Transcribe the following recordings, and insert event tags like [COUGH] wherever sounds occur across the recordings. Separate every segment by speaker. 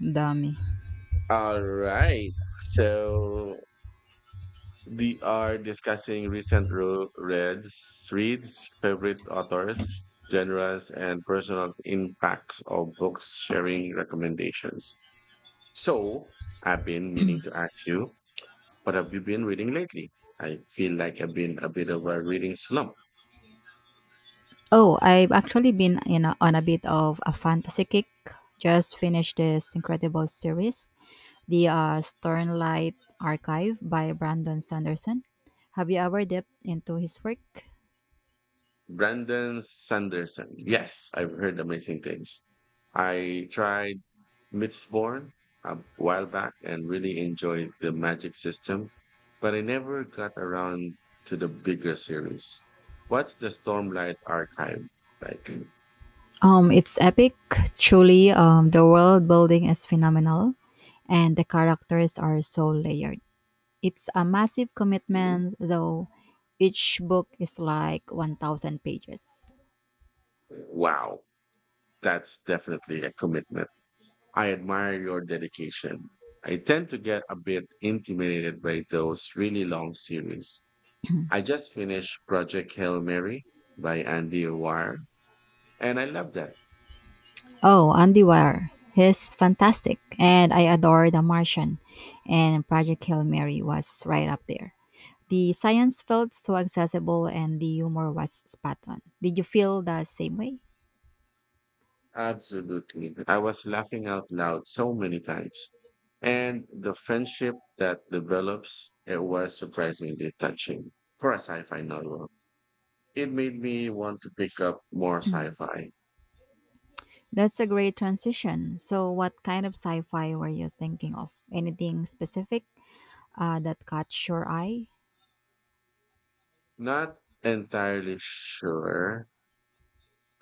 Speaker 1: Dummy.
Speaker 2: All right. So we are discussing recent reads, favorite authors, genres, and personal impacts of books, sharing recommendations. So I've been meaning to ask you, what have you been reading lately? I feel like I've been a bit of a reading slump.
Speaker 1: Oh, I've actually been in on a bit of a fantasy kick. Just finished this incredible series, the Sternlight Archive by Brandon Sanderson. Have you ever dipped into his work?
Speaker 2: Brandon Sanderson. Yes, I've heard amazing things. I tried Mistborn a while back and really enjoyed the magic system, but I never got around to the bigger series. What's the Stormlight archive like?
Speaker 1: It's epic, truly. The world building is phenomenal, and the characters are so layered. It's a massive
Speaker 2: Hmm?
Speaker 1: commitment, though. Each book is like 1,000 pages.
Speaker 2: Wow, that's definitely a commitment. I admire your dedication. I tend to get a bit intimidated by those really long series. I just finished Project Hail Mary by Andy Wire, and I love that.
Speaker 1: Oh, Andy Weir. He's fantastic. And I adore The Martian. And Project Hail Mary was right up there. The science felt so accessible and the humor was spot on. Did you feel the same way?
Speaker 2: Absolutely. I was laughing out loud so many times. And the friendship that develops, it was surprisingly touching for a sci-fi novel. It made me want to pick up more sci-fi.
Speaker 1: [CLEARS THROAT] That's a great transition. So, what kind of sci fi were you thinking of? Anything specific that caught your eye?
Speaker 2: Not entirely sure.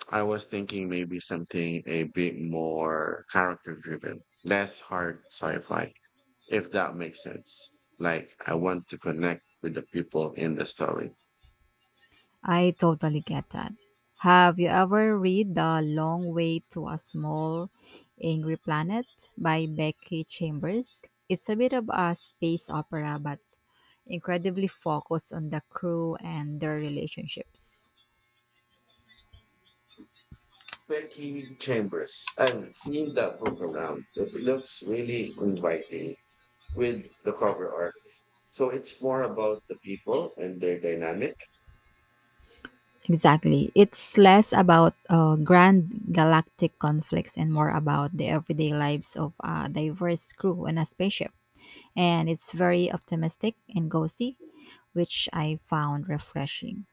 Speaker 2: I was thinking maybe something a bit more character-driven, less hard sci-fi, if that makes sense. Like I want to connect with the people in the story.
Speaker 1: I totally get that. Have you ever read The Long Way to a Small Angry Planet by Becky Chambers? It's a bit of a space opera, but incredibly focused on the crew and their relationships.
Speaker 2: Becky Chambers. I've seen that book around. It looks really inviting with the cover art. So it's more about the people and their dynamic.
Speaker 1: Exactly. It's less about grand galactic conflicts and more about the everyday lives of a diverse crew on a spaceship. And it's very optimistic and gauzy, which I found refreshing.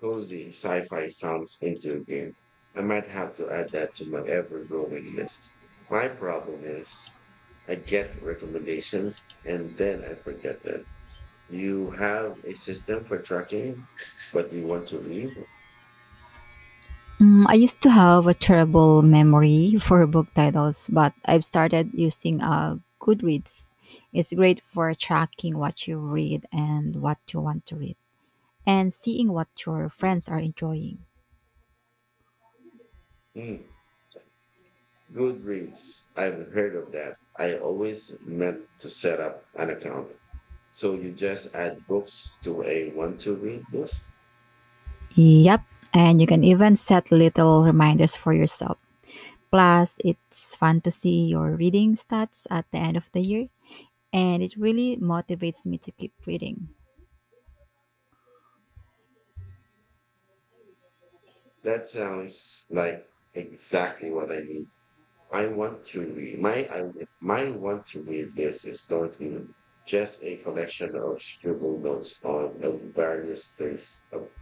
Speaker 2: Cozy sci-fi sounds into a game. I might have to add that to my ever-growing list. My problem is I get recommendations and then I forget them. You have a system for tracking what you want to read?
Speaker 1: Mm, I used to have a terrible memory for book titles, but I've started using Goodreads. It's great for tracking what you read and what you want to read, and seeing what your
Speaker 2: Hmm.
Speaker 1: friends are enjoying.
Speaker 2: Hmm. Good reads. I've heard of that. I always meant to set up an account. So you just add books to a want to read list?
Speaker 1: Yep, and you can even set little reminders for yourself. Plus, it's fun to see your reading stats at the end of the year, and it really motivates me to keep reading.
Speaker 2: That sounds like exactly what I need. I want to read. My want to read list is going to be just a collection of scribble notes on the various place of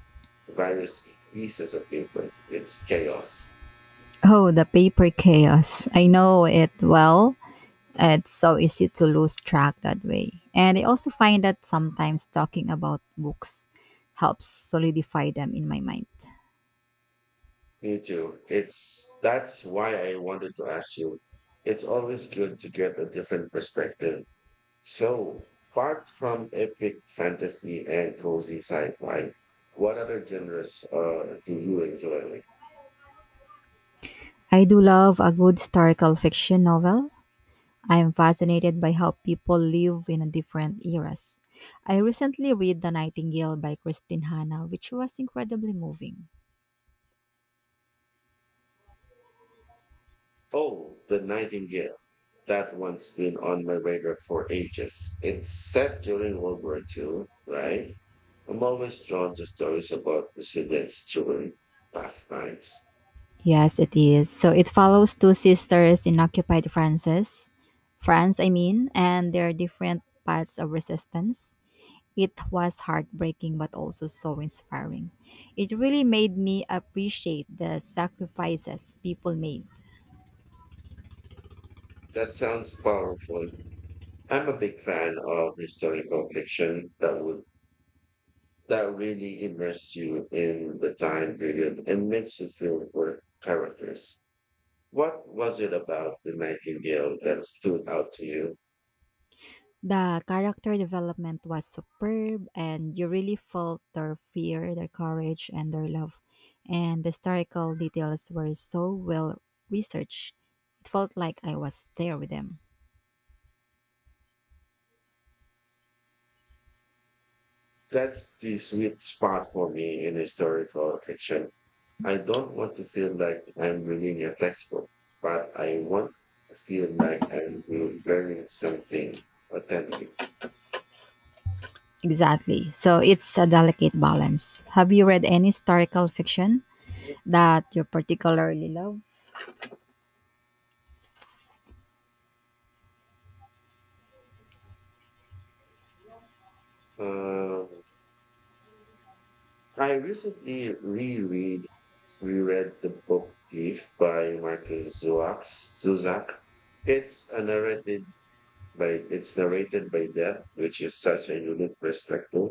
Speaker 2: various pieces of paper. It's chaos.
Speaker 1: Oh, the paper chaos. I know it well. It's so easy to lose track that way. And I also find that sometimes talking about books helps solidify them in my mind.
Speaker 2: Me too. It's that's why I wanted to ask you. It's always good to get a different perspective. So, apart from epic fantasy and cozy sci-fi, what other genres do you enjoy?
Speaker 1: I do love a good historical fiction novel. I am fascinated by how people live in different eras. I recently read The Nightingale by Christine Hanna, which was incredibly moving.
Speaker 2: Oh, The Nightingale. That one's been on my radar for ages. It's set during World War II, right? I'm always drawn to stories about resilience during tough times.
Speaker 1: Yes, it is. So it follows two sisters in occupied France, I mean, and their different paths of resistance. It was heartbreaking but also so inspiring. It really made me appreciate the sacrifices people made.
Speaker 2: That sounds powerful. I'm a big fan of historical fiction that really immerse you in the time period and makes you feel for characters. What was it about the Nightingale that stood out to you?
Speaker 1: The character development was superb, and you really felt their fear, their courage, and their love. And the historical details were so well researched. It felt like I was there with them.
Speaker 2: That's the sweet spot for me in historical fiction. I don't want to feel like I'm reading a textbook, but I want to feel like I'm learning something authentic.
Speaker 1: Exactly. So it's a delicate balance. Have you read any historical fiction that you particularly love?
Speaker 2: Um, I recently reread the book Grief by Marcus Zuzak. It's a narrated it's narrated by death, which is such a unique perspective,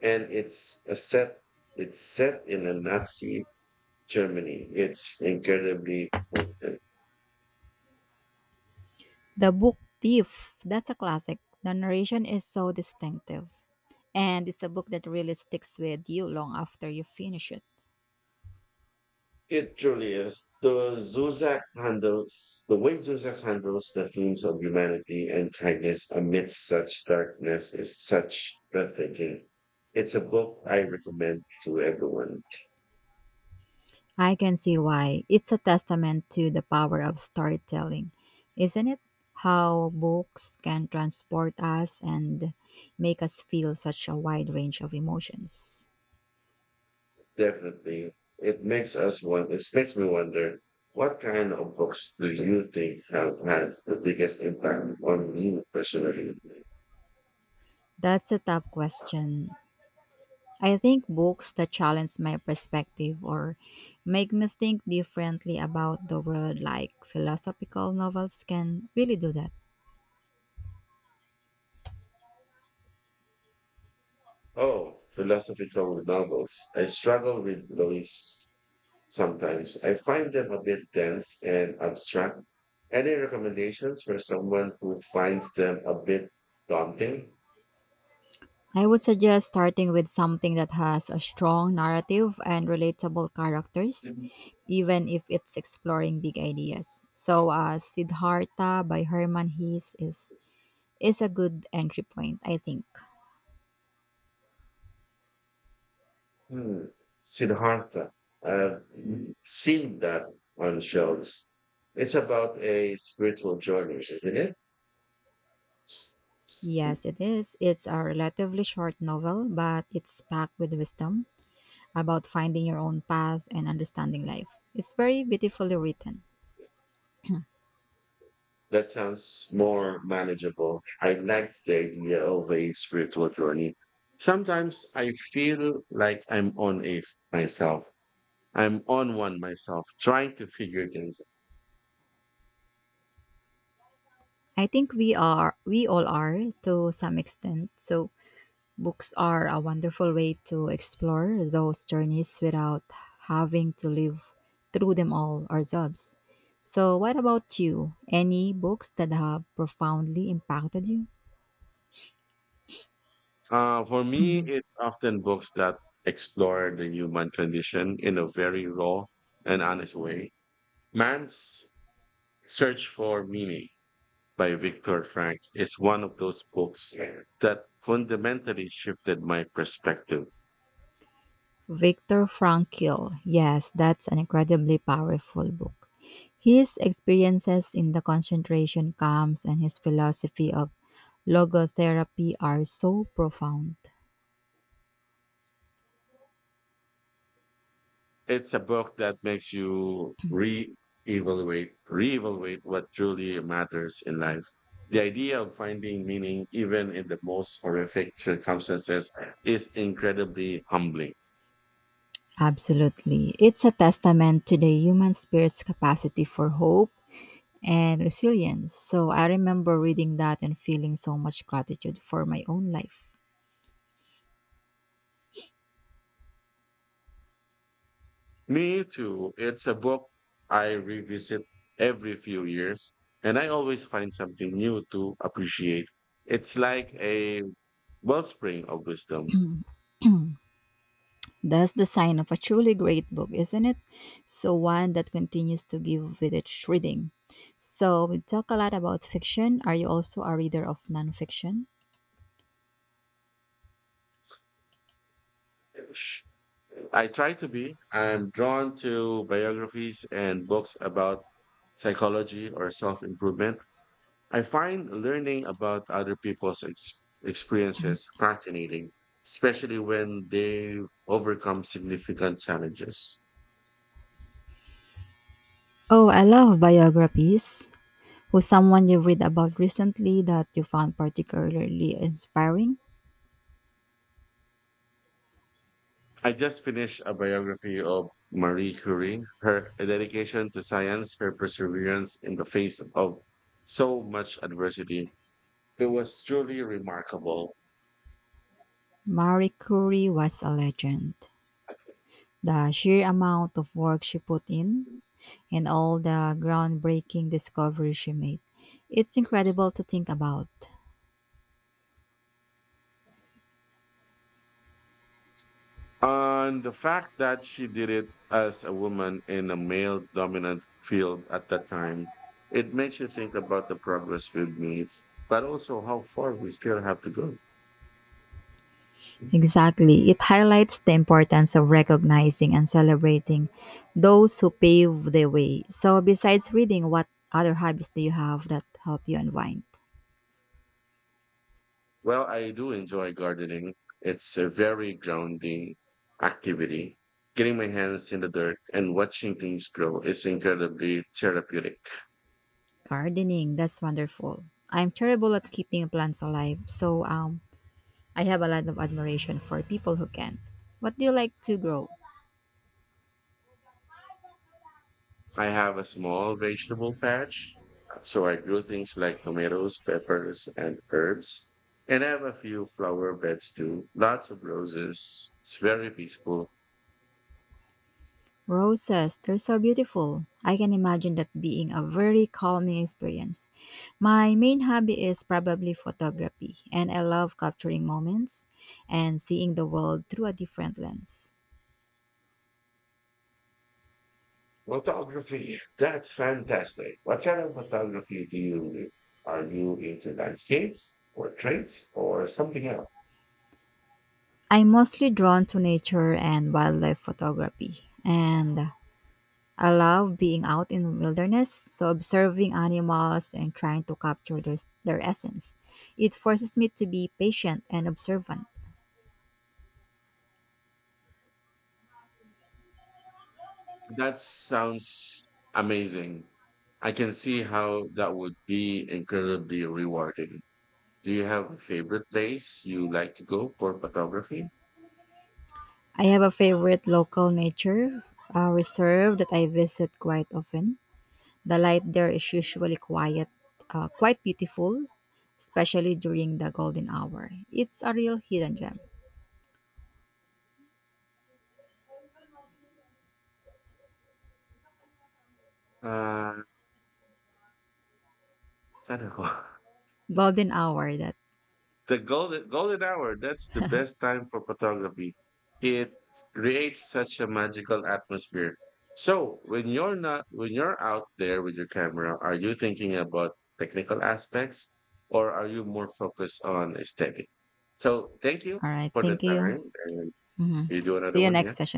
Speaker 2: and it's set in a Nazi Germany. It's incredibly poignant.
Speaker 1: The Book Thief, that's a classic. The narration is so distinctive. And it's a book that really sticks with you long after you finish it.
Speaker 2: It truly is. The way Zuzak handles the themes of humanity and kindness amidst such darkness is such breathtaking. It's a book I recommend to everyone.
Speaker 1: I can see why. It's a testament to the power of storytelling, isn't it? How books can transport us and make us feel such a wide range of emotions.
Speaker 2: Definitely. It makes me wonder what kind of books do you think have had the biggest impact on me personally?
Speaker 1: That's a tough question. I think books that challenge my perspective or make me think differently about the world, like philosophical novels, can really do that.
Speaker 2: Oh, philosophical novels. I struggle with those. Sometimes I find them a bit dense and abstract. Any recommendations for someone who finds them a bit daunting?
Speaker 1: I would suggest starting with something that has a strong narrative and relatable characters, even if it's exploring big ideas. So, Siddhartha by Herman Hesse is a good entry point, I think.
Speaker 2: Hmm. Siddhartha. I've seen that on shows. It's about a spiritual journey, isn't it?
Speaker 1: Yes, it is. It's a relatively short novel, but it's packed with wisdom about finding your own path and understanding life. It's very beautifully written.
Speaker 2: That sounds more manageable. I like the idea of a spiritual journey. Sometimes I feel like I'm on a myself. I'm on one myself, trying to figure things.
Speaker 1: I think we all are to some extent. So books are a wonderful way to explore those journeys without having to live through them all ourselves. So what about you? Any books that have profoundly impacted you?
Speaker 2: For me,
Speaker 1: [CLEARS THROAT]
Speaker 2: it's often books that explore the human condition in a very raw and honest way. Man's Search for Meaning by Viktor Frank is one of those books that fundamentally shifted my perspective.
Speaker 1: Viktor Frankl. Yes, that's an incredibly powerful book. His experiences in the concentration camps and his philosophy of logotherapy are so profound.
Speaker 2: It's a book that makes you re-evaluate what truly matters in life. The idea of finding meaning, even in the most horrific circumstances, is incredibly humbling.
Speaker 1: Absolutely. It's a testament to the human spirit's capacity for hope and resilience. So I remember reading that and feeling so much gratitude for my own life.
Speaker 2: Me too. It's a book I revisit every few years, and I always find something new to appreciate. It's like a wellspring of wisdom.
Speaker 1: That's the sign of a truly great book, isn't it? So, one that continues to give with its reading. So, we talk a lot about fiction. Are you also a reader of nonfiction?
Speaker 2: I try to be. I'm drawn to biographies and books about psychology or self improvement. I find learning about other people's experiences fascinating, especially when they've overcome significant challenges.
Speaker 1: Oh, I love biographies. Who's someone you read about recently that you found particularly inspiring?
Speaker 2: I just finished a biography of Marie Curie, her dedication to science, her perseverance in the face of so much adversity. It was truly remarkable.
Speaker 1: Marie Curie was a legend. The sheer amount of work she put in and all the groundbreaking discoveries she made. It's incredible to think about.
Speaker 2: And the fact that she did it as a woman in a male dominant field at that time, it makes you think about the progress we've made, but also how far we still have to go.
Speaker 1: Exactly. It highlights the importance of recognizing and celebrating those who pave the way. So, besides reading, what other hobbies do you have that help you unwind?
Speaker 2: Well, I do enjoy gardening. It's a very grounding activity. Getting my hands in the dirt and watching things grow is incredibly therapeutic.
Speaker 1: Gardening. That's wonderful. I'm terrible at keeping plants alive, so I have a lot of admiration for people who can. What do you like to grow?
Speaker 2: I have a small vegetable patch, so I grow things like tomatoes, peppers, and herbs. And I have a few flower beds too, lots of roses. It's very peaceful.
Speaker 1: Roses, they're so beautiful. I can imagine that being a very calming experience. My main hobby is probably photography, and I love capturing moments and seeing the world through a different lens.
Speaker 2: Photography, that's fantastic. What kind of photography do you do? Are you into landscapes, portraits, or something else?
Speaker 1: I'm mostly drawn to nature and wildlife photography, and I love being out in the wilderness, so observing animals and trying to capture their essence. It forces me to be patient and observant.
Speaker 2: That sounds amazing. I can see how that would be incredibly rewarding. Do you have a favorite place you like to go for photography?
Speaker 1: I have a favorite local nature reserve that I visit quite often. The light there is usually quite beautiful, especially during the golden hour. It's a real hidden gem.
Speaker 2: Uh, saan ako? [LAUGHS]
Speaker 1: Golden hour that.
Speaker 2: The golden hour, that's the best time for photography. It creates such a magical atmosphere. So when you're not when you're out there with your camera, are you thinking about technical aspects or are you more focused on aesthetic? So thank you
Speaker 1: All right.
Speaker 2: for the
Speaker 1: Thank
Speaker 2: time
Speaker 1: you.
Speaker 2: and
Speaker 1: Mhm.
Speaker 2: you do another
Speaker 1: See you
Speaker 2: one,
Speaker 1: next
Speaker 2: yeah.
Speaker 1: session.